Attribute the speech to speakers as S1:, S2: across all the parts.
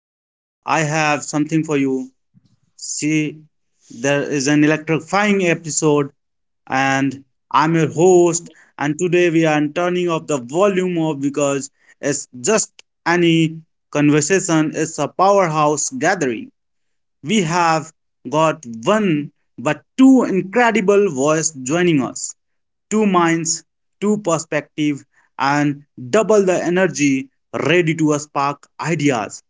S1: I have something for you. See, there is an electrifying episode, and I'm your host. And today we are turning off the volume of because it's just any conversation. Is a powerhouse gathering. We have got one but two incredible voices joining us two minds, two perspective, and double the energy ready to spark ideas,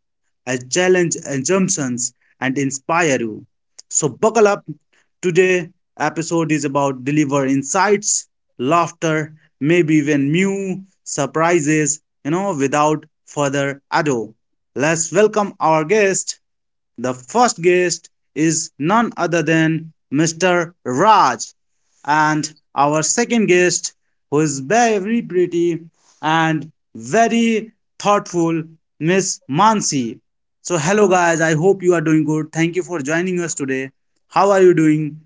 S1: challenge assumptions, and inspire you. So buckle up. Today episode is about deliver insights, laughter, maybe even new surprises. Without further ado, let's welcome our guest. The first guest is none other than Mr. Raj, and our second guest, who is very pretty and very thoughtful, Miss Mansi. So, hello guys, I hope you are doing good. Thank you for joining us today. How are you doing,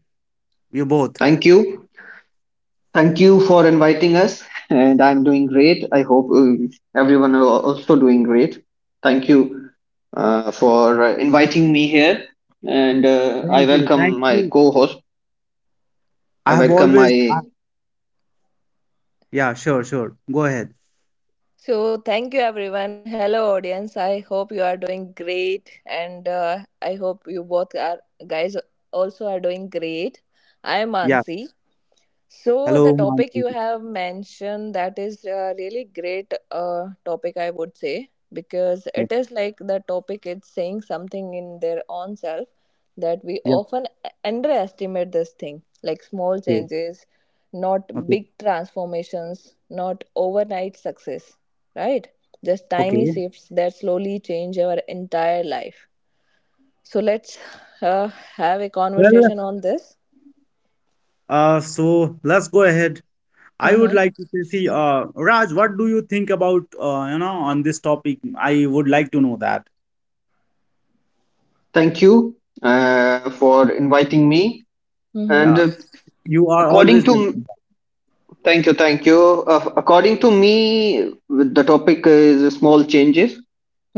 S1: you both?
S2: Thank you. Thank you for inviting us. And I'm doing great. I hope everyone are also doing great. Thank you for inviting me here. And I
S1: Thank you,
S2: welcome
S1: thank
S2: my
S1: you.
S2: co host.
S1: I
S2: I
S1: have
S2: welcome my
S1: always, I- Yeah, sure, sure. Go ahead.
S3: So, thank you everyone. Hello, audience. I hope you are doing great, and I hope you both are guys also are doing great. I am
S1: Yeah,
S3: Ansi, so the
S1: hello,
S3: topic you
S1: Mansi.
S3: have mentioned, that is a really great topic, I would say, because
S1: Yeah,
S3: it is like the topic it's saying something in their own self that we
S1: yeah,
S3: often underestimate this thing, like small
S1: okay,
S3: changes, not
S1: okay,
S3: big transformations, not overnight success, right, just tiny
S1: okay.
S3: shifts that slowly change our entire life. So let's uh, have a
S1: Well,
S3: conversation on this.
S1: so let's go ahead. I would
S3: Mhm.
S1: like to say, see, Raj, what do you think about, you know, on this topic? I would like to know that.
S2: Thank you for inviting me.
S3: Mhm.
S2: And
S1: Yeah, you are
S2: according
S1: always
S2: to
S1: welcome.
S2: Thank you, thank you. According to me, the topic is small changes.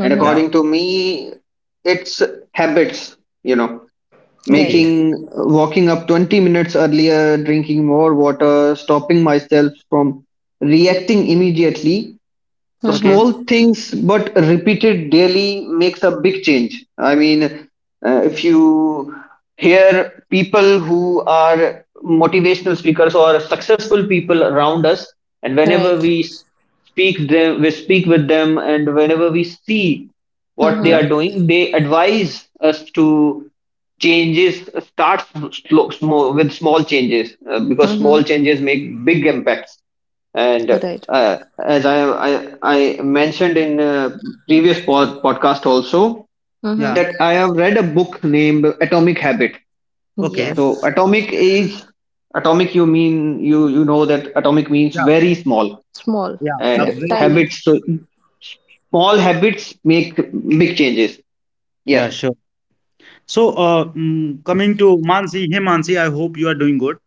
S2: And
S1: Yeah.
S2: according to me, it's habits, you know
S3: Right.
S1: Okay.
S2: making walking up 20 minutes earlier, drinking more water, stopping myself from reacting immediately. The
S1: Okay.
S3: Mm-hmm.
S2: small things, but repeated daily, makes a big change. I mean, if you hear people who are motivational speakers or successful people around us, and whenever
S3: Right.
S2: we speak with them, and whenever we see what they
S3: Mm-hmm.
S1: Yeah.
S2: are doing, they advise us to, changes start slow, small, with small changes because small
S3: Mm-hmm.
S2: changes make big impacts. And
S3: Right.
S2: as I mentioned in previous podcast also,
S3: Mm-hmm.
S1: Yeah.
S2: that I have read a book named atomic habit.
S1: Okay.
S2: So
S3: Yes.
S2: atomic is, atomic, you mean, you know that atomic means
S1: Yeah.
S2: very small.
S3: Small.
S1: Yeah. A
S2: And
S3: Yeah.
S1: very.
S3: Tiny.
S2: habits. So small habits make big changes. Yes.
S1: Yeah. Sure. So, coming to Mansi. Hey, Mansi. I hope you are doing good.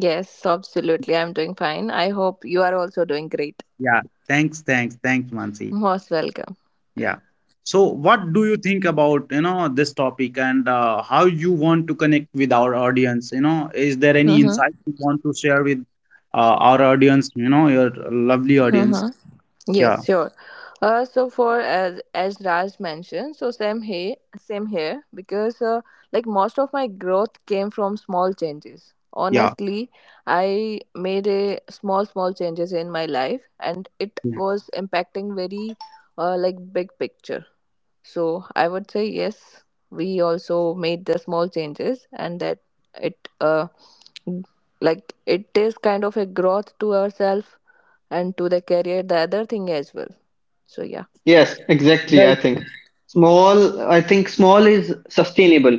S3: Yes, absolutely. I'm doing fine. I hope you are also doing great.
S1: Yeah. Thanks. Thanks. Thanks, Mansi.
S3: Most welcome.
S1: Yeah. So, what do you think about, you know, this topic and how you want to connect with our audience? You know, is there any
S3: Mm-hmm.
S1: insight you want to share with our audience, you know, your lovely audience?
S3: Mm-hmm.
S1: Yeah.
S3: Yes, sure. So for as Raj mentioned, so same here, same here, because like most of my growth came from small changes.
S1: Yeah.
S3: Honestly, I made a small changes in my life, and it
S1: Yeah.
S3: was impacting very like big picture. So I would say yes, we also made the small changes, and that it like it is kind of a growth to ourselves and to the career, the other thing as well, so yeah.
S2: Yes, exactly.
S1: Well,
S2: I think small is sustainable.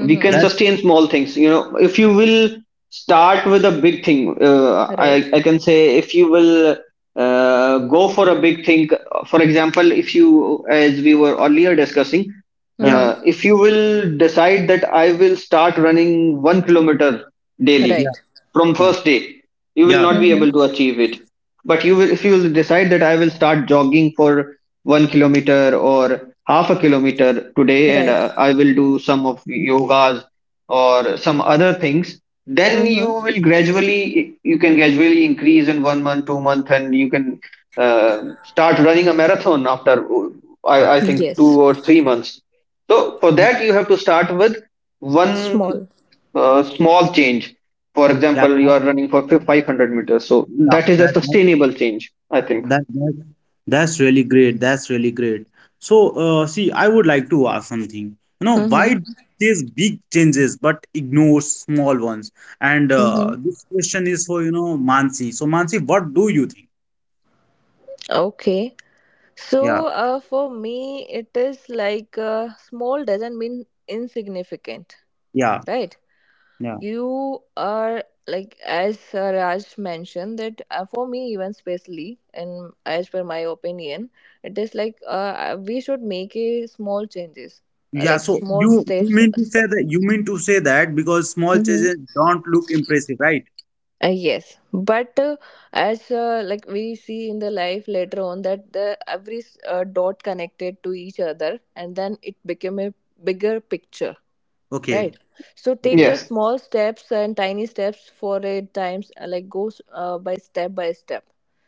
S2: We can
S1: that's
S2: sustain small things. You know, if you will start with a big thing, uh, I,
S3: Right.
S2: I can say, if you will go for a big thing, for example, if you, as we were earlier discussing,
S1: yeah.
S3: Mm-hmm.
S2: if you will decide that I will start running 1 kilometer daily
S1: Yeah.
S3: Right.
S2: from
S1: Yeah.
S2: first day, you will
S1: Yeah.
S2: not be
S3: Mm-hmm.
S2: able to achieve it. But you will, if you will decide that I will start jogging for 1 kilometer or half a kilometer today, and
S3: Right.
S2: I will do some of yogas or some other things, then you
S3: Mm-hmm.
S2: will gradually, you can gradually increase in 1 month, 2 month, and you can start running a marathon after,
S1: Yeah.
S2: I think,
S3: Yes.
S2: 2 or 3 months. So for that you have to start with one
S3: Small.
S2: small change. For
S1: Yeah.
S2: example,
S1: Yeah.
S2: you are running for 500 meters, so that is a
S1: Yeah.
S2: sustainable change, I think.
S1: That that's really great. That's really great. So, see, I would like to ask something. You know, why
S3: Mm-hmm.
S1: do these big changes but ignore small ones? And
S3: Mm-hmm.
S1: this question is for, you know, Mansi. So, Mansi, what do you think?
S3: Okay.
S1: Yeah,
S3: So, for me, it is like small doesn't mean insignificant,
S1: yeah,
S3: right?
S1: yeah.
S3: You are like as Raj mentioned that for me, even especially, and as per my opinion, it is like we should make a small changes,
S1: Yeah,
S3: like
S1: so
S3: small steps.
S1: you mean to say that because small changes don't look impressive, right?
S3: Yes, but as like we see in the life later on that the every dot connected to each other, and then it became a bigger picture.
S1: Okay,
S3: Right. So take
S1: okay.
S3: the
S2: Yes,
S3: small steps and tiny steps for a times like goes by step by step.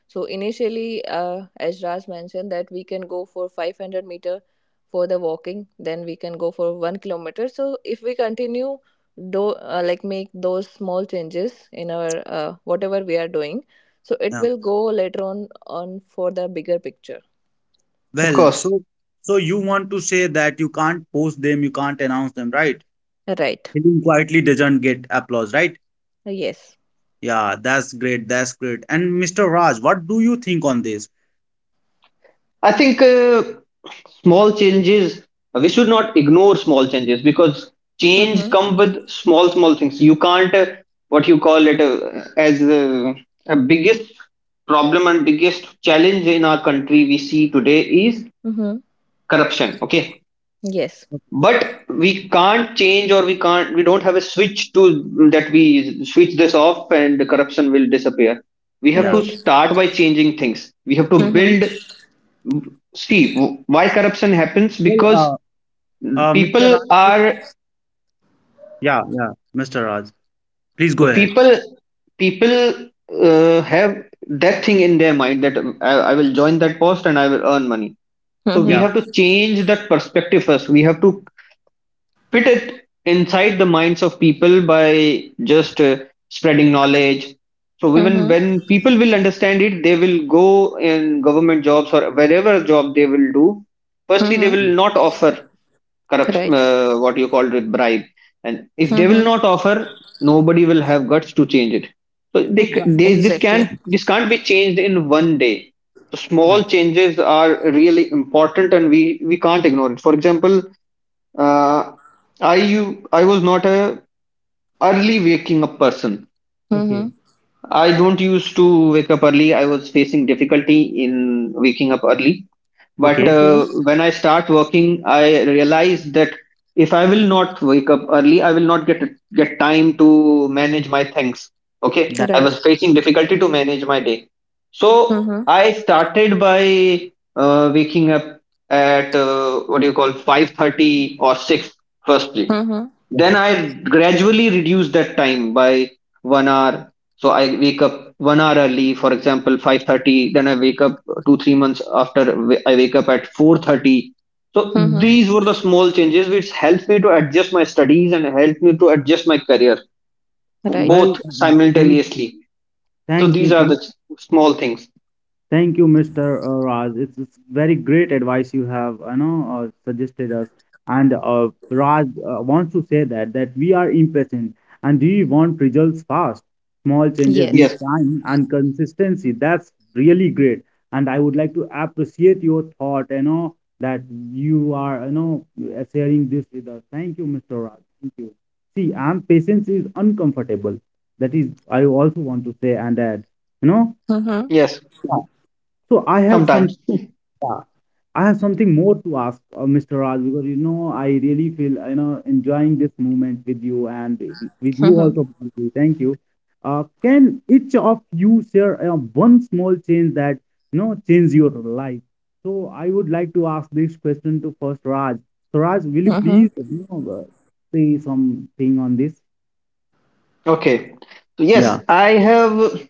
S3: So initially, as Raj mentioned, that we can go for 500 meter for the walking, then we can go for 1 kilometer. So if we continue, do like make those small changes in our whatever we are doing, so it
S1: Yeah.
S3: will go later on for the bigger picture.
S2: of
S1: Well,
S2: course.
S1: so so you want to say that you can't post them, you can't announce them, right?
S3: Right.
S1: Hidden quietly doesn't get applause, right?
S3: Yes.
S1: Yeah, that's great. That's great. And Mr. Raj, what do you think on this?
S2: I think small changes, we should not ignore small changes, because change
S3: Mm-hmm.
S2: come with small, small things. You can't, what you call it, as a biggest problem and biggest challenge in our country we see today is
S3: Mm-hmm.
S2: corruption. Okay.
S3: Yes.
S2: But we can't change, or we can't, we don't have a switch to that, we switch this off and the corruption will disappear. We have
S1: Yeah.
S2: to
S3: Right.
S2: start by changing things. We have to
S3: Mm-hmm.
S2: build, why corruption happens, because
S1: Well, Mr.
S2: people
S1: Raj,
S2: are.
S1: yeah, yeah, Mr. Raj, please
S2: So
S1: go ahead.
S2: people have that thing in their mind that I will join that post and I will earn money. So we
S1: Yeah,
S3: Mm-hmm.
S2: have to change that perspective first. We have to fit it inside the minds of people by just spreading knowledge. So even
S3: Mm-hmm.
S2: when people will understand it, they will go in government jobs or wherever job they will do. Firstly, they
S3: Mm-hmm.
S1: mm,
S2: will not offer corruption,
S3: Right.
S2: what you called it, bribe. And
S1: yeah.
S2: if they will
S3: Mm-hmm.
S2: not offer, nobody will have guts to change it. So
S1: So, guys,
S2: they this can't
S3: Exactly.
S2: this can't be changed in 1 day. So
S1: yeah,
S2: small changes are really important, and we can't ignore it. For example, uh, I was not a early waking up person.
S1: okay,
S3: Mm-hmm.
S2: I don't used to wake up early. I was facing difficulty in waking up early. But
S1: okay.
S3: Okay.
S2: when I start working, I realize that if I will not wake up early, I will not get time to manage my things. Okay.
S1: That,
S2: I
S3: Right.
S2: was facing difficulty to manage my day, so
S3: Mm-hmm.
S2: I started by waking up at what do you call 5:30 or six firstly.
S3: Mm-hmm.
S2: Then
S1: yeah.
S2: I gradually reduced that time by 1 hour, so I wake up 1 hour early, for example, 5:30. Then I wake up 2-3 months after. I wake up at 4:30. So
S3: Mm-hmm.
S2: these were the small changes which helped me to adjust my studies and helped me to adjust my career
S1: Well,
S3: Right.
S2: both simultaneously. So
S1: thank
S2: these
S1: you,
S2: are the
S1: thank.
S2: small things.
S1: Thank you, Mr. Raj. It's very great advice you have, you know, suggested us. And Raj wants to say that that we are impatient and we want results fast. Small changes need
S2: Yes,
S3: Yes.
S1: time and consistency. That's really great. And I would like to appreciate your thought, you know, that you are, you know, sharing this with us. Thank you, Mr. Raj. Thank you. See, and patience is uncomfortable. That is, I also want to say and add, you know.
S3: Mm-hmm.
S2: yes,
S1: So I have some,
S2: sometimes.
S1: yeah, I have something more to ask, Mr. Raj, because you know I really feel you know enjoying this moment with you and with you
S3: Mm-hmm.
S1: also. Priyanki. Thank you. Can each of you share one small change that you know changed your life? So I would like to ask this question to first Raj. So Raj, will you
S3: Mm-hmm.
S1: please you know say something on this?
S2: Okay. So yes,
S1: Yeah.
S2: I have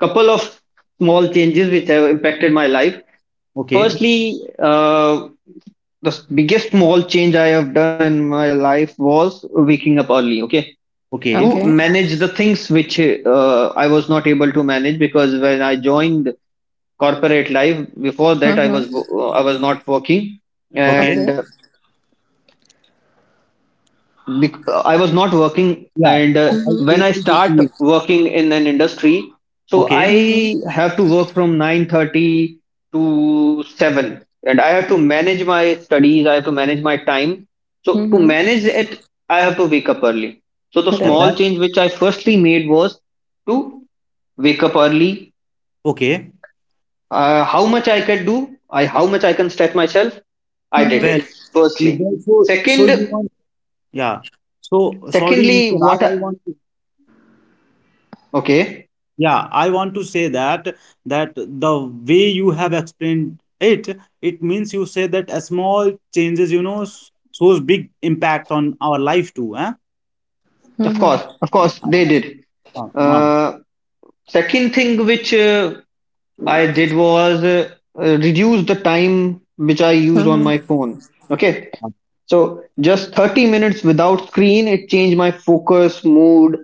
S2: couple of small changes which have impacted my life.
S1: Okay.
S2: Firstly, uh, the biggest small change I have done in my life was waking up early. Okay,
S1: Okay.
S2: to
S3: Okay.
S2: manage the things which I was not able to manage, because when I joined corporate life, before that I
S3: Mm-hmm.
S2: was I was not working.
S1: Okay.
S2: And
S3: Okay.
S2: I was not working,
S1: Yeah.
S2: and
S1: I
S2: when
S3: Mm-hmm.
S1: totally
S2: I start
S1: agree.
S2: working in an industry, so
S1: Okay.
S2: I
S3: Mm-hmm.
S2: have to work from 9:30 to 7, and I have to manage my studies. I have to manage my time. So to
S3: Mm-hmm.
S2: manage it, I have to wake up early. So the
S1: Yeah,
S3: Right.
S2: small
S1: that.
S2: change which I firstly made was to wake up early.
S1: Okay.
S2: How much I could do, I how much I can stretch myself, I did
S1: Well,
S2: it
S3: Mm-hmm.
S2: firstly.
S1: Even So, so you
S2: Second,
S1: want, yeah. So, sorry,
S2: secondly,
S1: Mr. Raj,
S2: what?
S1: I
S2: I,
S1: want to,
S2: okay.
S1: yeah, I want to say that that the way you have explained it, it means you say that a small changes, you know, shows big impact on our life too, huh?
S3: Mm-hmm.
S2: Of course, they did.
S1: Uh, uh,
S2: Uh, Second thing which I did was reduce the time which I use on my
S3: Mm-hmm.
S2: phone. Okay,
S1: uh,
S2: so just 30 minutes without screen, it changed my focus, mood,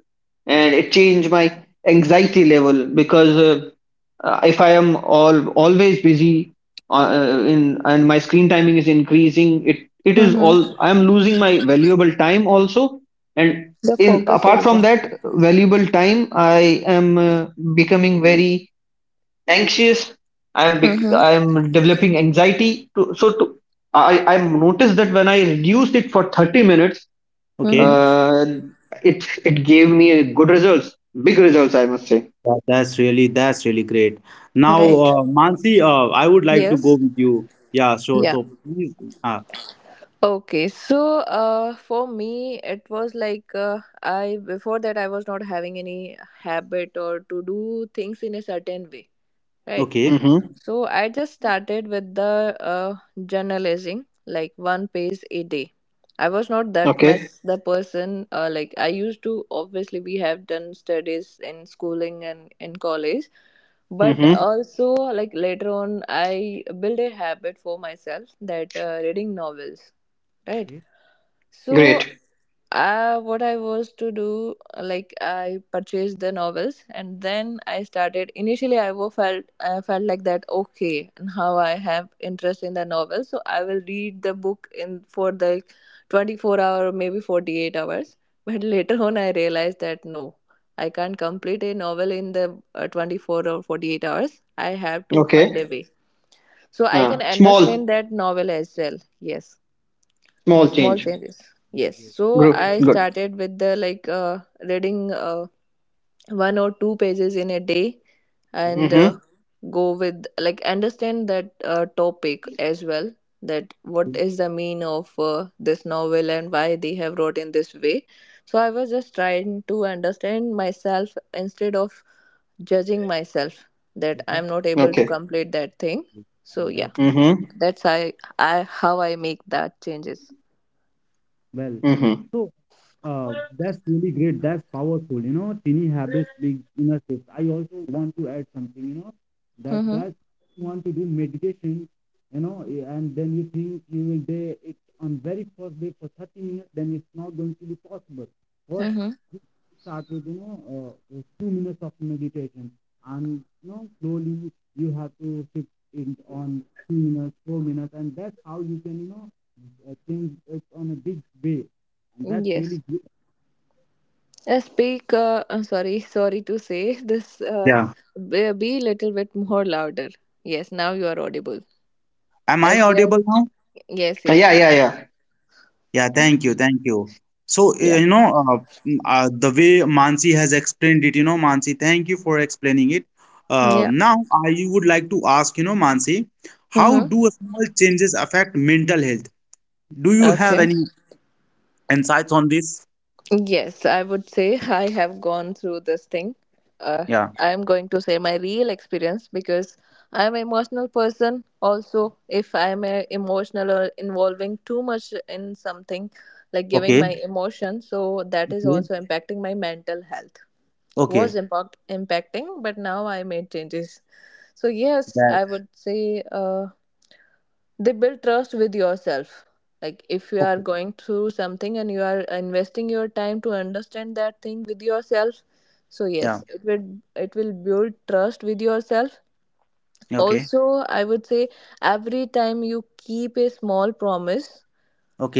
S2: and it changed my anxiety level, because if I am all always busy in and my screen timing is increasing, it is
S3: Mm-hmm.
S2: all, I am losing my valuable time also, and
S3: The
S2: in
S3: focus
S2: apart from
S3: also.
S2: that valuable time, I am becoming very anxious.
S3: Mm-hmm.
S2: I'm developing anxiety to. So to, I noticed that when I reduced it for 30 minutes,
S1: okay.
S3: Mm-hmm.
S2: uh, it, it gave me a good results, big results, I must say.
S1: That's really great. Now,
S3: Right.
S1: Mansi, I would like to go
S3: Yes.
S1: with you. Yeah, sure.
S3: Yeah.
S1: So please, uh,
S3: Okay, so for me, it was like I before that I was not having any habit or to do things in a certain way, right?
S1: okay.
S2: Mm-hmm.
S3: So I just started with the journalizing, like one page a day. I was not that
S2: Okay.
S3: much the person like I used to. Obviously, we have done studies in schooling and in college,
S1: Okay,
S3: but
S2: Mm-hmm.
S3: also like later on, I built a habit for myself that reading novels, right.
S1: okay,
S3: So
S2: Great.
S3: what I was to do, like I purchased the novels, and then I started. Initially, felt, I felt like that, okay, and how I have interest in the novel, so I will read the book in for the 24 hour, maybe 48 hours, but later on I realized that no, I can't complete a novel in the 24 or 48 hours. I have to find a
S2: Okay.
S3: way so I can
S2: Small,
S3: understand that novel as well. Yes,
S2: small
S1: that's
S3: small
S1: really
S2: change.
S3: changes. Yes,
S1: really great.
S3: so
S2: Good,
S3: I
S2: good.
S3: started with the like reading one or two pages in a day, and
S2: Mm-hmm.
S3: go with like understand that topic as well, that what is the mean of this novel and why they have wrote in this way. So I was just trying to understand myself instead of judging myself that I'm
S1: Okay.
S3: not able to
S2: Okay.
S3: complete that thing.
S1: Yes,
S3: So
S1: and
S3: yeah,
S1: that's
S2: Mm-hmm.
S3: that's I, how I make that changes.
S1: well.
S2: Mm-hmm.
S1: So uh, that's really great. That's powerful. You know, teeny habits, big inner shifts. I also want to add something. You know, that
S3: Mm-hmm.
S1: that you want to do meditation. You know, eh, and then you think you will do it on very first day for 30 minutes. Then it's not going to be possible. First, you start with you know few minutes of meditation, and you know slowly you have to shift it on 2 minutes, 4 minutes, and that's how you can you know I think it's on a big way, and that's
S3: Yes.
S1: really good.
S3: I speak, I sorry, sorry to say this,
S1: Yeah.
S3: be little bit more louder. Yes, now you are audible.
S1: Am I
S3: As we are,
S1: audible now?
S3: yes,
S2: Yeah, yeah,
S3: yes.
S2: yeah.
S1: Yeah, thank you, thank you. So,
S3: Yeah.
S1: you know, the way Mansi has explained it, you know, Mansi, thank you for explaining it.
S3: Yeah.
S1: Now, I would like to ask, you know, Mansi, how
S3: Mm-hmm.
S1: do small changes affect mental health? Do you have
S3: Okay.
S1: any insights on this?
S3: Yes, I would say I have gone through this thing. Uh,
S1: Yeah.
S3: I'm going to say my real experience because I'm an emotional person. Also, if I'm a emotional or involving too much in something, like giving
S1: Okay.
S3: my emotion, so that is
S1: Okay.
S3: also impacting my mental health, was
S1: Okay.
S3: impacting, but now I made changes. So, yes,
S1: That.
S3: I would say they build trust with yourself. Like, if you are
S1: Okay.
S3: going through something and you are investing your time to understand that thing with yourself, so yes,
S1: Yeah.
S3: it will build trust with yourself.
S1: Okay.
S3: Also, I would say every time you keep a small promise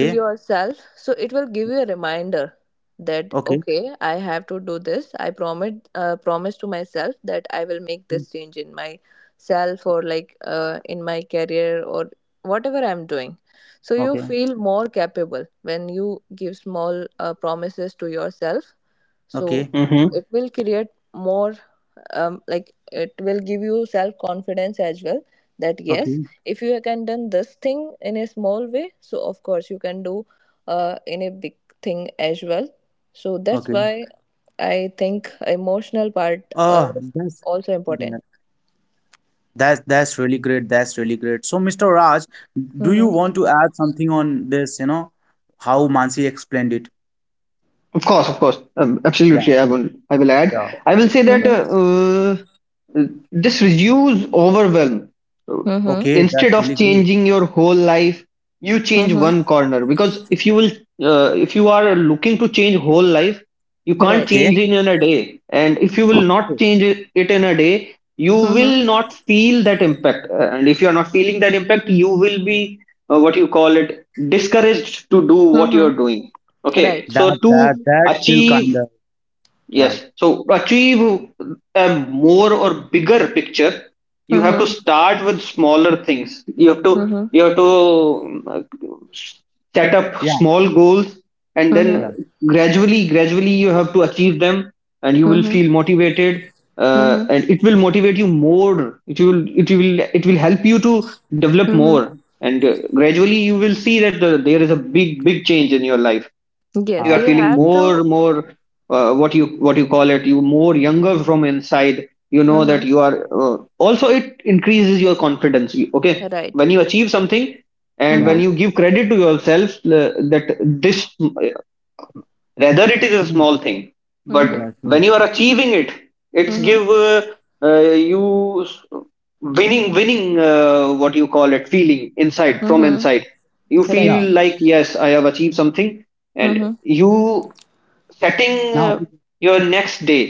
S3: to yourself, so it will give you a reminder that
S1: Okay.
S3: okay, I have to do this. I promise, promise to myself that I will make this
S1: Okay.
S3: change in myself, or like in my career or whatever I'm doing. So you
S1: Okay.
S3: feel more capable when you give small promises to yourself, so it
S2: Mm-hmm.
S3: will create more like it will give you self confidence as well, that yes,
S1: Okay.
S3: if you can done this thing in a small way, so of course you can do in a big thing as well. So that's
S1: Okay.
S3: why I think emotional part
S1: Uh,
S3: are
S1: that's
S3: also
S1: that,
S3: important.
S1: that's really great. That's really great. So, Mr. Raj, do you want
S3: Mm-hmm.
S1: to add something on this, you know, how Mansi explained it?
S2: Of course, of course.
S1: Yeah,
S2: Absolutely, I will,
S1: sure.
S2: I will add.
S1: Yeah,
S2: I will say that
S1: yeah.
S3: Mm-hmm.
S2: uh, this reduce overwhelm. So,
S3: Mm-hmm.
S1: Okay,
S2: instead
S1: that's
S2: of
S1: really great.
S2: changing your whole life, you change
S3: Mm-hmm.
S2: one corner, because if you will, if you are looking to change whole life, you can't
S3: Right.
S2: change
S1: Okay.
S2: it in a day, and if you will not
S1: Okay.
S2: change it in a day, you will
S3: Mm-hmm.
S2: not feel that impact. And if you are not feeling that impact, you will be what you call it discouraged to do what you are
S3: Mm-hmm.
S2: doing. Okay.
S3: Right.
S2: So
S1: that
S2: to
S1: that that's still
S2: achieve.
S1: kind of
S2: Yes.
S1: yeah,
S2: So to achieve a more or bigger picture, you have to
S3: Mm-hmm.
S2: start with smaller things. You have to,
S3: Mm-hmm.
S2: um, uh, set up
S1: yeah,
S2: small goals, and
S3: Mm-hmm.
S2: then
S1: yeah.
S2: gradually, gradually, you have to achieve them, and you will
S3: Mm-hmm.
S2: feel motivated.
S3: Mm-hmm.
S2: And it will motivate you more. It will, it will help you to develop
S3: Mm-hmm.
S2: more. And gradually you will see that there is a big big change in your life. You
S3: Yes,
S2: are
S3: you
S1: Uh,
S2: feeling
S3: have
S1: um,
S3: to.
S2: more what you call it you more younger from inside, you know. That
S3: Mm-hmm.
S2: you are also, it increases your confidence. Okay.
S3: Right.
S2: When you achieve something, and when
S3: Mm-hmm.
S1: yeah,
S2: you give credit to yourself, that this, rather it is a small
S1: yeah,
S2: thing, but
S3: Mm-hmm.
S1: yeah,
S2: when
S1: sure.
S2: you are achieving it, it's
S3: Mm-hmm.
S2: give you, winning, what you call it feeling inside from
S3: Mm-hmm.
S2: inside. You feel
S3: Right.
S1: Yeah.
S2: like, yes, I have achieved something. And
S3: Mm-hmm.
S2: you setting
S1: Now,
S2: your next day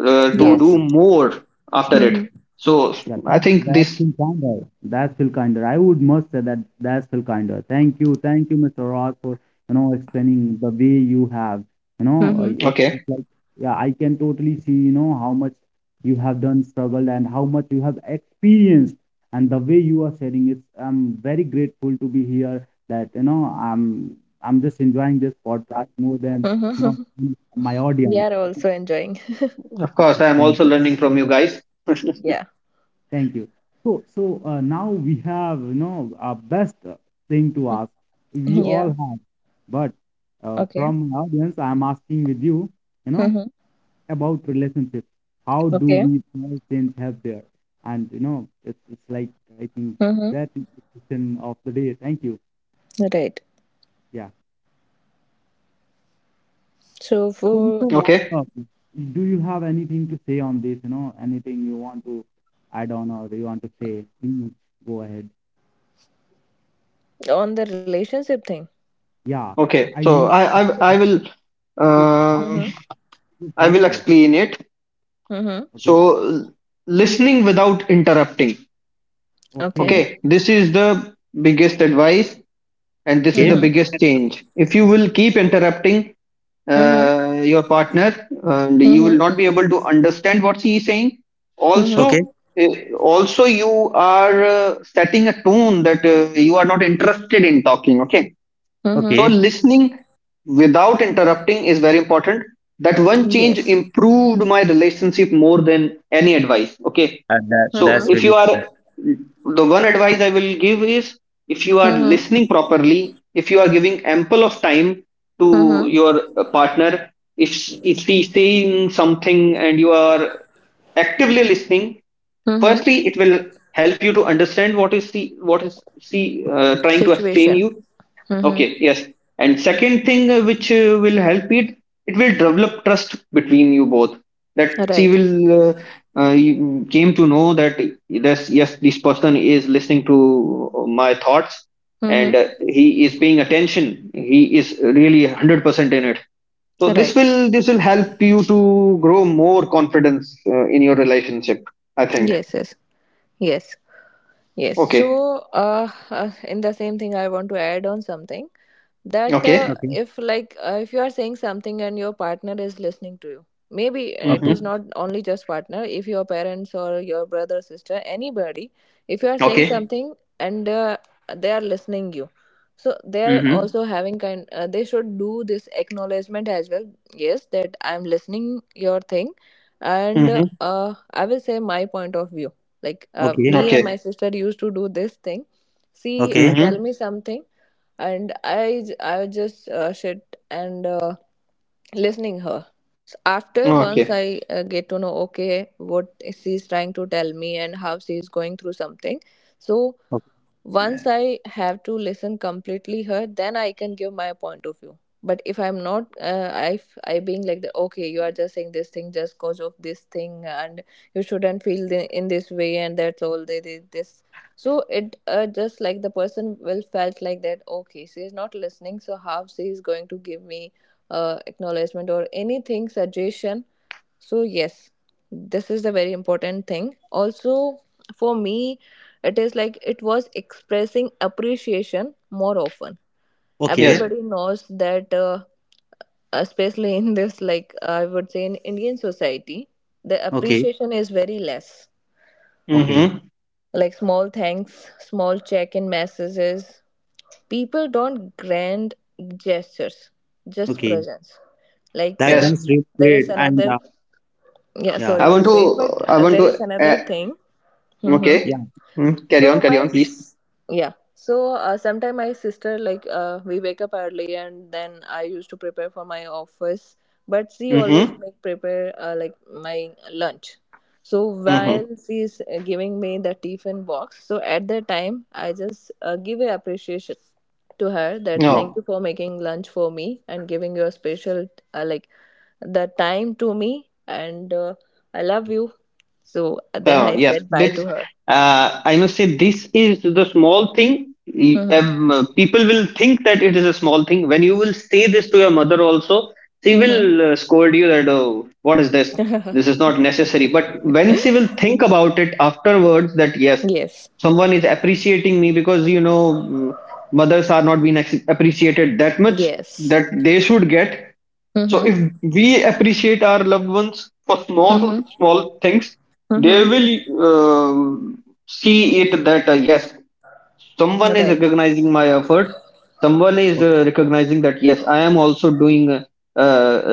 S2: to
S1: yeah.
S2: do
S3: Yes.
S2: more after
S3: Mm-hmm.
S2: it. So
S1: Yeah,
S2: I
S1: that
S2: think
S1: that
S2: this.
S1: feel kinder. That feel kinder. I would must say that that's feel kinder. Thank you, Mr. Ross, for you know explaining the way you have. You know,
S3: Mm-hmm.
S2: Okay.
S1: it's like yeah, I can totally see you know how much you have done, struggled, and how much you have experienced, and the way you are sharing it. I'm very grateful to be here. That you know, I'm just enjoying this podcast more than you
S3: Mm-hmm.
S1: know my
S3: We are
S1: audience.
S3: also enjoying.
S2: Of course, I am also
S1: Thank you.
S2: learning from you guys.
S3: Yeah.
S1: Thank you. So, so now we have, you know, our best thing to ask. We
S3: Yeah.
S1: all have, but
S3: Okay.
S1: from audience, I'm asking with you, you know,
S3: Mm-hmm.
S1: about relationship. How do
S3: Okay.
S1: we price change help there? And you know, it's like I think
S3: Mm-hmm.
S1: that is the question of the day. Thank you.
S3: Right.
S1: Yeah.
S3: So
S1: So,
S3: for
S1: Mr. Raj,
S2: Okay.
S1: uh, do you have anything to say on this? You know, anything you want to add on or you want to say? Please go ahead.
S3: on the relationship thing.
S1: Yeah,
S2: Okay.
S1: I
S2: So
S1: mean.
S2: I will,
S1: Tip, how
S2: uh,
S3: Mm-hmm.
S1: much would
S2: I will
S1: help there?
S2: explain it.
S3: Mm-hmm.
S1: Okay,
S2: So listening without interrupting.
S3: Okay.
S1: okay.
S2: Okay, this is the biggest advice, and this is the
S1: Okay,
S3: Mm-hmm.
S2: biggest change. If you will keep interrupting
S3: Mm-hmm.
S2: your partner, and you
S3: Mm-hmm.
S2: will not be able to understand what he is saying,
S3: Mm-hmm.
S1: okay,
S2: also also you are setting a tone that you are not interested in talking. Okay.
S3: Mm-hmm.
S2: So
S1: okay.
S2: listening without interrupting is very important. That one change
S3: Yes.
S2: improved my relationship more than any advice. Okay.
S1: That
S2: So
S3: Mm-hmm.
S2: if
S1: that's
S2: you
S1: really
S2: are,
S1: cool.
S2: the one advice I will give is, if you are
S3: Mm-hmm.
S2: listening properly, if you are giving ample of time to
S3: Mm-hmm.
S2: your partner, if she's saying something and you are actively listening,
S3: Mm-hmm.
S2: firstly it will help you to understand what is she, trying to explain
S3: Situation.
S2: you.
S3: Mm-hmm.
S2: Okay, yes. And second thing which will help it, it will develop trust between you both. That she
S3: Right.
S2: will, you came to know that this, yes, this person is listening to my thoughts, and
S3: Mm-hmm.
S2: he is paying attention. He is really 100% in it. So this
S3: Right.
S2: will, help you to grow more confidence in your relationship, I think.
S3: Yes. Yes. Yes. Yes.
S2: Okay.
S3: So, in the same thing, I want to add on something, that
S2: Okay.
S1: Okay,
S3: if like if you are saying something and your partner is listening to you, maybe it is
S1: okay,
S2: Mm-hmm.
S3: not only just partner, if your parents or your brother sister, anybody, if you are saying
S2: Okay.
S3: something and they are listening you, so they are
S2: Mm-hmm.
S3: also having kind they should do this acknowledgement as well, yes, that I am listening your thing, and
S2: Mm-hmm.
S3: I will say my point of view. Like
S1: okay,
S3: me and my
S2: Okay.
S3: sister used to do this thing, see
S1: okay,
S3: tell
S2: Mm-hmm.
S3: me something, and I would just sit and listening her. So after once
S2: Okay.
S3: I get to know okay, what she's trying to tell me and how she's going through something, so once I have to listen completely her, then I can give my point of view. But if I'm not, I being like the okay, you are just saying this thing just cause of this thing, and you shouldn't feel the, in this way, and that's all. They did this, so it just like the person will felt like that. Okay, she is not listening, so how she is going to give me acknowledgement or anything suggestion. So, yes, this is a very important thing. Also, for me, it is like it was expressing appreciation more often.
S2: Yes.
S1: okay,
S3: Everybody knows that, especially in this, like I would say, in Indian society, the
S1: okay,
S3: appreciation is very less.
S1: okay, okay.
S2: Mm-hmm.
S3: Like small thanks, small check in messages. People don't grand gestures, just
S1: Okay.
S3: presence, like
S1: That
S2: Yes.
S1: that's really
S3: there is
S1: great. And
S3: another, yeah,
S1: yeah,
S2: I
S3: sorry
S2: want
S3: to say, but
S2: to. I want
S3: there is
S2: to.
S3: another thing. Mm-hmm.
S2: Okay.
S1: yeah.
S2: Mm, carry on.
S3: So
S2: Carry on, please.
S3: yeah. So sometime my sister, like we wake up early and then I used to prepare for my office, but she always
S2: Mm-hmm.
S3: make prepare like my lunch. So
S1: Okay,
S2: Mm-hmm.
S3: while she is giving me the tiffin box, so at that time I just give a appreciation to her that
S1: okay.
S3: thank
S2: No.
S3: you for making lunch for me and giving your special like the time to me, and I love you. So then
S2: So
S3: I
S2: yes,
S3: said bye
S2: this
S3: to
S2: uh, I must say this is the small thing.
S3: her.
S2: People will think that it is a small thing. When you will say this to your mother also, she
S3: Mm-hmm.
S2: will scold you that oh, what is this? This is not necessary. But when she will think about it afterwards, that yes,
S3: Yes.
S2: someone is appreciating me because mothers are not being appreciated that much
S3: Yes.
S2: that they should get. So
S3: Mm-hmm.
S2: if we appreciate our loved ones for small
S3: Mm-hmm.
S2: small things,
S3: Mm-hmm.
S2: they will uh, see it that yes, someone is
S3: Right.
S2: recognizing my efforts. Someone is
S1: Okay.
S2: recognizing that yes, I am also doing a,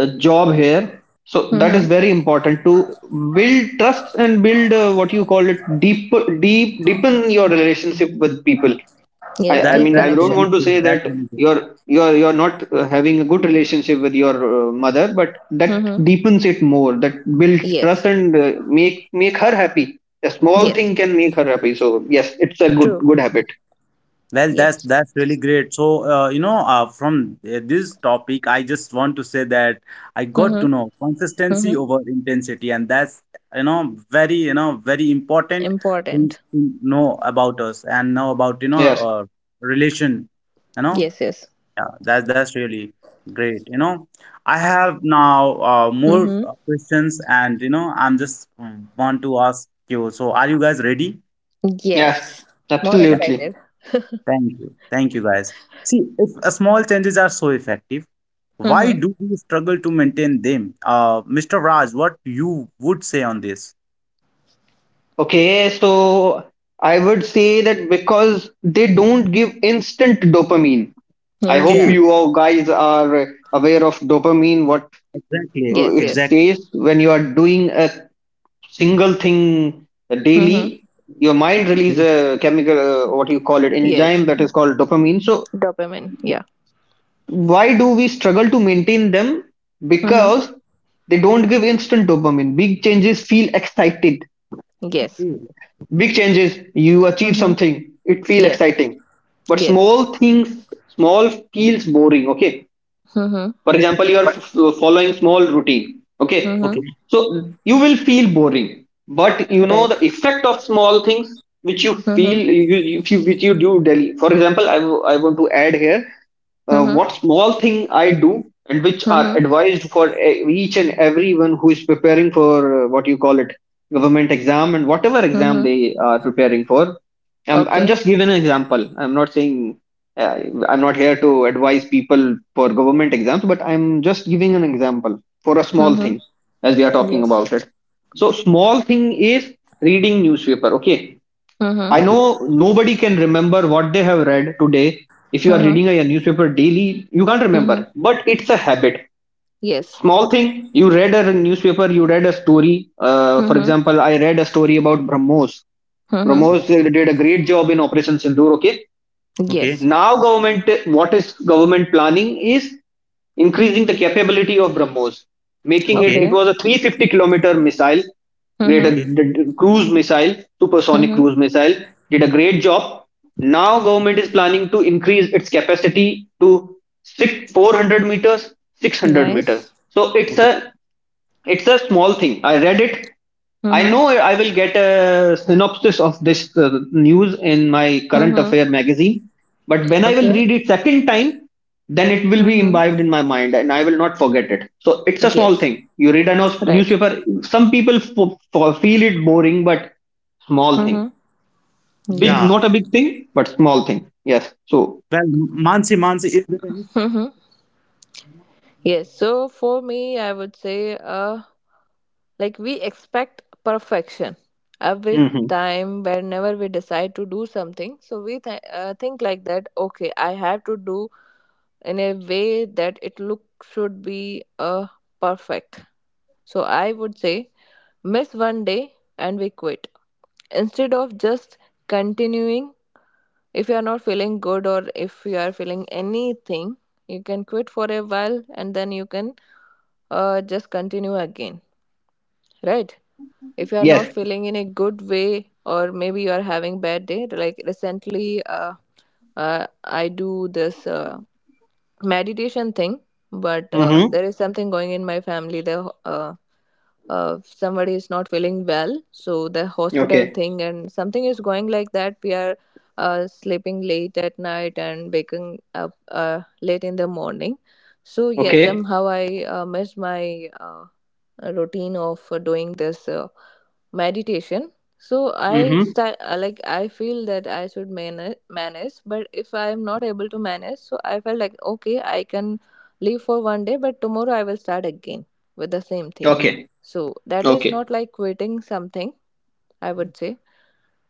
S2: a job here. So that
S3: Mm-hmm.
S2: is very important to build trust and build what you call it deepen your relationship with people. I,
S3: Yes.
S1: That
S2: I
S3: Deep
S2: mean, I
S1: that's
S2: don't
S3: connection.
S1: really
S2: want to
S1: great.
S2: say
S1: That's
S2: that
S1: really great.
S2: you're not having a good relationship with your mother, but that
S3: Mm-hmm.
S2: deepens it more. That builds trust
S3: Yes.
S2: and make her happy. A small
S3: Yes.
S2: thing can make her happy. So yes, it's a good
S3: True.
S2: good habit.
S1: Well,
S3: Yes.
S1: that's really great. So, you know, from this topic, I just want to say that I got to know
S3: Mm-hmm.
S1: consistency
S3: Mm-hmm.
S1: over intensity, and that's you know very important things
S3: Important.
S1: to know about us and know about you know
S2: Yes,
S1: relation. You know,
S3: Yes. Yes.
S1: yeah, that's really great. You know, I have now more
S3: Mm-hmm.
S1: questions, and you know, I'm just want to ask you. So, are you guys ready?
S2: yes,
S3: Yes. More
S1: Yeah.
S2: absolutely.
S3: excited.
S1: Thank you. Thank you, guys. See, if a small changes are so effective, why
S3: Mm-hmm.
S1: do we struggle to maintain them? Mr. Raj, what you would say on this?
S2: Okay, so I would say that because they don't give instant dopamine. I hope
S1: Okay,
S3: Yeah.
S2: you all guys are aware of dopamine. What
S1: exactly,
S3: Yes.
S2: it
S1: exactly.
S3: Yes.
S2: says, when you are doing a single thing
S3: Mm-hmm.
S2: daily, your mind release a chemical, what you call it,
S3: Yes.
S2: enzyme that is called dopamine. So
S3: Dopamine. Yeah.
S2: why do we struggle to maintain them?
S3: Mm-hmm.
S2: Because they don't give instant dopamine. Big changes feel excited,
S3: Yes.
S1: Okay,
S2: big changes, you achieve
S3: Mm-hmm.
S2: something, it feel
S3: Yeah.
S2: exciting, but
S3: Yes.
S2: small things, small feels boring. Okay,
S3: Mm-hmm.
S2: for example, you are following small routine, okay,
S3: Mm-hmm.
S1: okay,
S2: so you will feel boring. But you know
S3: Right.
S2: the effect of small things, which you feel
S3: Mm-hmm.
S2: if you, which you do daily. For example, I want to add here
S3: Mm-hmm.
S2: what small thing I do and which are
S3: Mm-hmm.
S2: advised for each and everyone who is preparing for what you call it government exam and whatever exam
S3: Mm-hmm.
S2: they are preparing for. I'm
S3: Okay.
S2: just giving an example, I'm not saying uh, I'm not here to advise people for government exams, but I'm just giving an example for a small
S3: Mhm.
S2: thing, as we are talking
S3: Yes.
S2: about it. So small thing is reading newspaper, okay.
S3: Mhm.
S2: I
S1: okay,
S2: know nobody can remember what they have read today. If you are
S3: Mhm.
S2: reading a newspaper daily, you can't remember,
S3: Mhm.
S2: but it's a habit.
S3: Yes.
S2: Small thing, you read a newspaper, you read a story, for
S3: Mhm.
S2: example, I read a story about Brahmos.
S3: Mhm.
S2: Brahmos did a great job in Operation Sindoor, okay.
S1: okay,
S3: Yes.
S2: Now, government, what is government planning is increasing the capability of Brahmos, making it.
S1: okay,
S3: Okay.
S2: It was a 350-kilometer missile, great,
S3: Mhm.
S1: okay,
S2: a cruise missile, supersonic
S3: Mhm.
S2: cruise missile, did a great job. Now, government is planning to increase its capacity to six, 400 meters, 600 meters.
S3: Nice.
S2: So it's
S1: okay.
S2: a it's a small thing. I read it. I
S3: Mhm.
S2: know I will get a synopsis of this news in my current affair
S3: Mhm.
S2: magazine, but when I will
S3: Okay.
S2: read it second time, then it will be
S3: Mhm.
S2: imbibed in my mind and I will not forget it. So it's a small
S3: Yes.
S2: thing. You read a
S3: Right.
S2: newspaper. Some people feel it boring, but small thing.
S3: Mhm.
S2: Big,
S1: Yeah.
S3: Yes.
S2: not a big thing, but small thing. Yes. So.
S1: Well, Mansi, Mansi, is there is
S3: Mhm.
S1: no,
S3: Yes.
S1: okay,
S3: So for me, I would say like we expect perfection every
S1: okay.
S2: Hmm.
S3: time whenever we decide to do something. So think like that, okay, I have to do in a way that it look should be perfect. So I would say miss one day and we quit instead of just continuing. If you are not feeling good or if you are feeling anything, you can quit for a while and then you can just continue again, right? If you are not
S2: Yes.
S3: feeling in a good way, or maybe you are having bad day, like recently, I do this meditation thing, but
S2: Hmm.
S3: there is something going in my family, the uh, somebody is not feeling well, so the hospital
S2: Okay.
S3: thing and something is going like that, we are sleeping late at night and waking up late in the morning. So yes,
S2: Okay.
S3: somehow I missed my uh, routine of doing this meditation. So I
S2: Hmm.
S3: start like I feel that I should manage, but if I am not able to manage, so I felt like okay, I can leave for one day, but tomorrow I will start again with the same thing.
S2: Okay.
S3: So that is
S2: Okay.
S3: not like quitting something, I would say.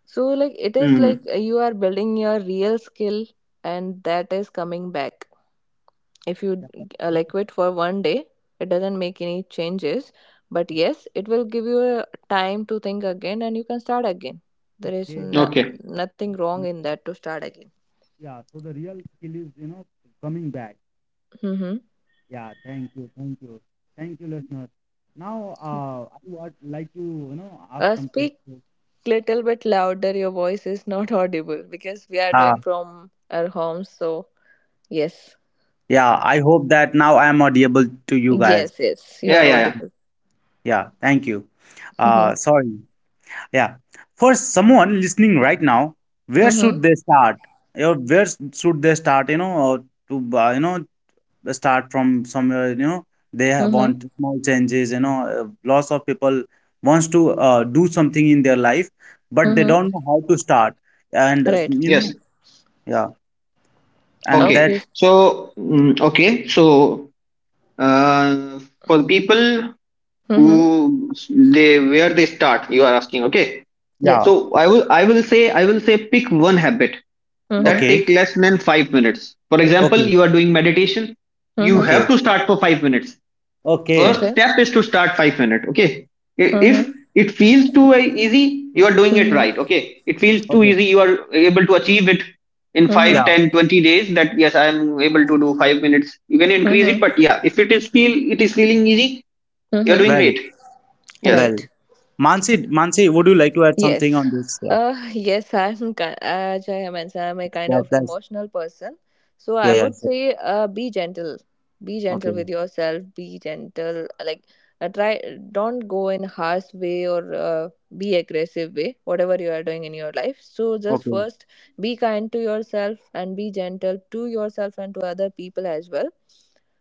S3: So like it is like
S2: Mm.
S3: you are building your real skill, and that is coming back. If you
S1: Yeah, that,
S3: like
S1: that's
S3: quit for one day, it doesn't make any changes, but
S1: okay.
S3: yes, it will give you a time to think again and you can start again. There is
S1: Okay,
S3: no,
S1: okay,
S2: Okay.
S3: nothing
S1: that's
S3: wrong
S1: really-
S3: in that to start again.
S1: yeah. So the real skill is, you know, coming back.
S3: Mm-hmm.
S1: Yeah, thank you, thank you, thank you, listeners. Now, I would like to, you know, ask something.
S3: Speak
S1: to-
S3: little bit louder, your voice is not audible because we are
S1: Uh,
S3: doing from our homes, so yes.
S1: yeah, I hope that now I am audible to you guys.
S3: Yes, you
S2: Yeah,
S3: are
S2: yeah, yeah.
S3: audible.
S1: Yeah, thank you.
S3: Mm-hmm.
S1: Sorry. Yeah. For someone listening right now, where should
S3: Mm-hmm.
S1: they start? Or where should they start, you know, to, you know, start from somewhere you know they
S3: Mm-hmm.
S1: want small changes you know lots of people wants to do something in their life but they
S3: Mm-hmm.
S1: don't know how to start and
S3: Right.
S1: you know
S2: Yes.
S1: yeah and
S2: Okay.
S1: that
S3: Okay.
S2: So, mm, okay. So, uh, for people
S3: Mm-hmm.
S2: who, they where they start, you are asking. Okay.
S1: yeah
S3: Yes.
S2: So I will say pick one habit that
S3: Mm-hmm.
S1: okay
S2: take less than 5 minutes. For example,
S1: okay
S2: you are doing meditation. You
S3: Mm-hmm.
S2: have
S1: okay
S2: to start for 5 minutes.
S1: okay
S2: First
S3: Okay.
S2: step is to start 5 minutes, okay.
S3: Mm-hmm.
S2: If it feels too easy, you are doing it right. Okay, it feels too
S1: okay
S2: easy, you are able to achieve it in five,
S3: Mm-hmm.
S1: yeah
S2: 10, 20 days, that yes, I am able to do 5 minutes, you can increase it.
S3: Mm-hmm.
S2: But yeah, if it is feel, it is feeling easy, you are doing
S3: Mm-hmm.
S1: well
S2: great. Yes.
S1: well
S3: Right.
S1: Mansi Mansi would you like to add something
S3: Yes.
S1: on this yeah
S3: Yes, I'm, as I mentioned, I'm a kind
S1: that
S3: of
S1: that's
S3: emotional person. So
S1: yeah
S3: I
S1: yeah
S3: would
S1: sure.
S3: say, be gentle. Be gentle
S1: Okay
S3: with yourself. Be gentle. Like, uh, try, don't go in harsh way, or be aggressive way, whatever you are doing in your life. So just
S1: okay
S3: first, be kind to yourself and be gentle to yourself and to other people as well.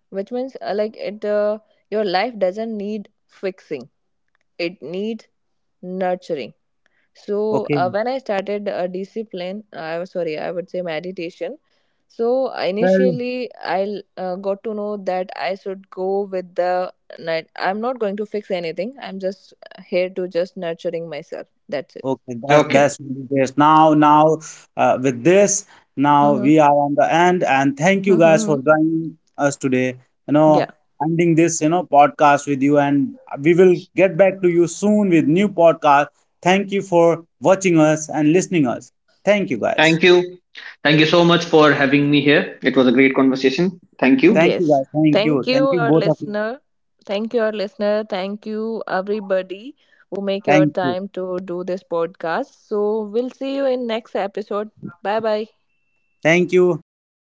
S3: Which means, like, your life doesn't need fixing. It needs nurturing. So
S1: okay
S3: when I started a discipline, I was sorry, I would say meditation. So
S1: well.
S3: initially, I got to know that I should go with the night. I'm not going to fix anything. I'm just here to just nurturing myself. That's it.
S1: Okay,
S2: Okay,
S1: that's really great. Now, now, with this, now
S3: Mm-hmm.
S1: we are on the end, and thank you guys for
S3: Mm-hmm.
S1: joining us today. You
S3: Yeah.
S1: know, ending this, you know, podcast with you, and we will get back to you soon with new podcast. Thank you for watching us and listening us. Thank you guys.
S2: thank you, thank you so much for having me here, it was a great conversation, thank you.
S1: Thank you
S3: Yes.
S1: guys. Thank
S3: Thank
S1: you.
S3: you,
S1: Thank you
S3: our
S1: both of you.
S3: listener. Thank you, our listener. Thank you, everybody who make your
S1: Thank you.
S3: time to do this podcast. So we'll see you in next episode. Bye bye.
S1: Thank you. Thank you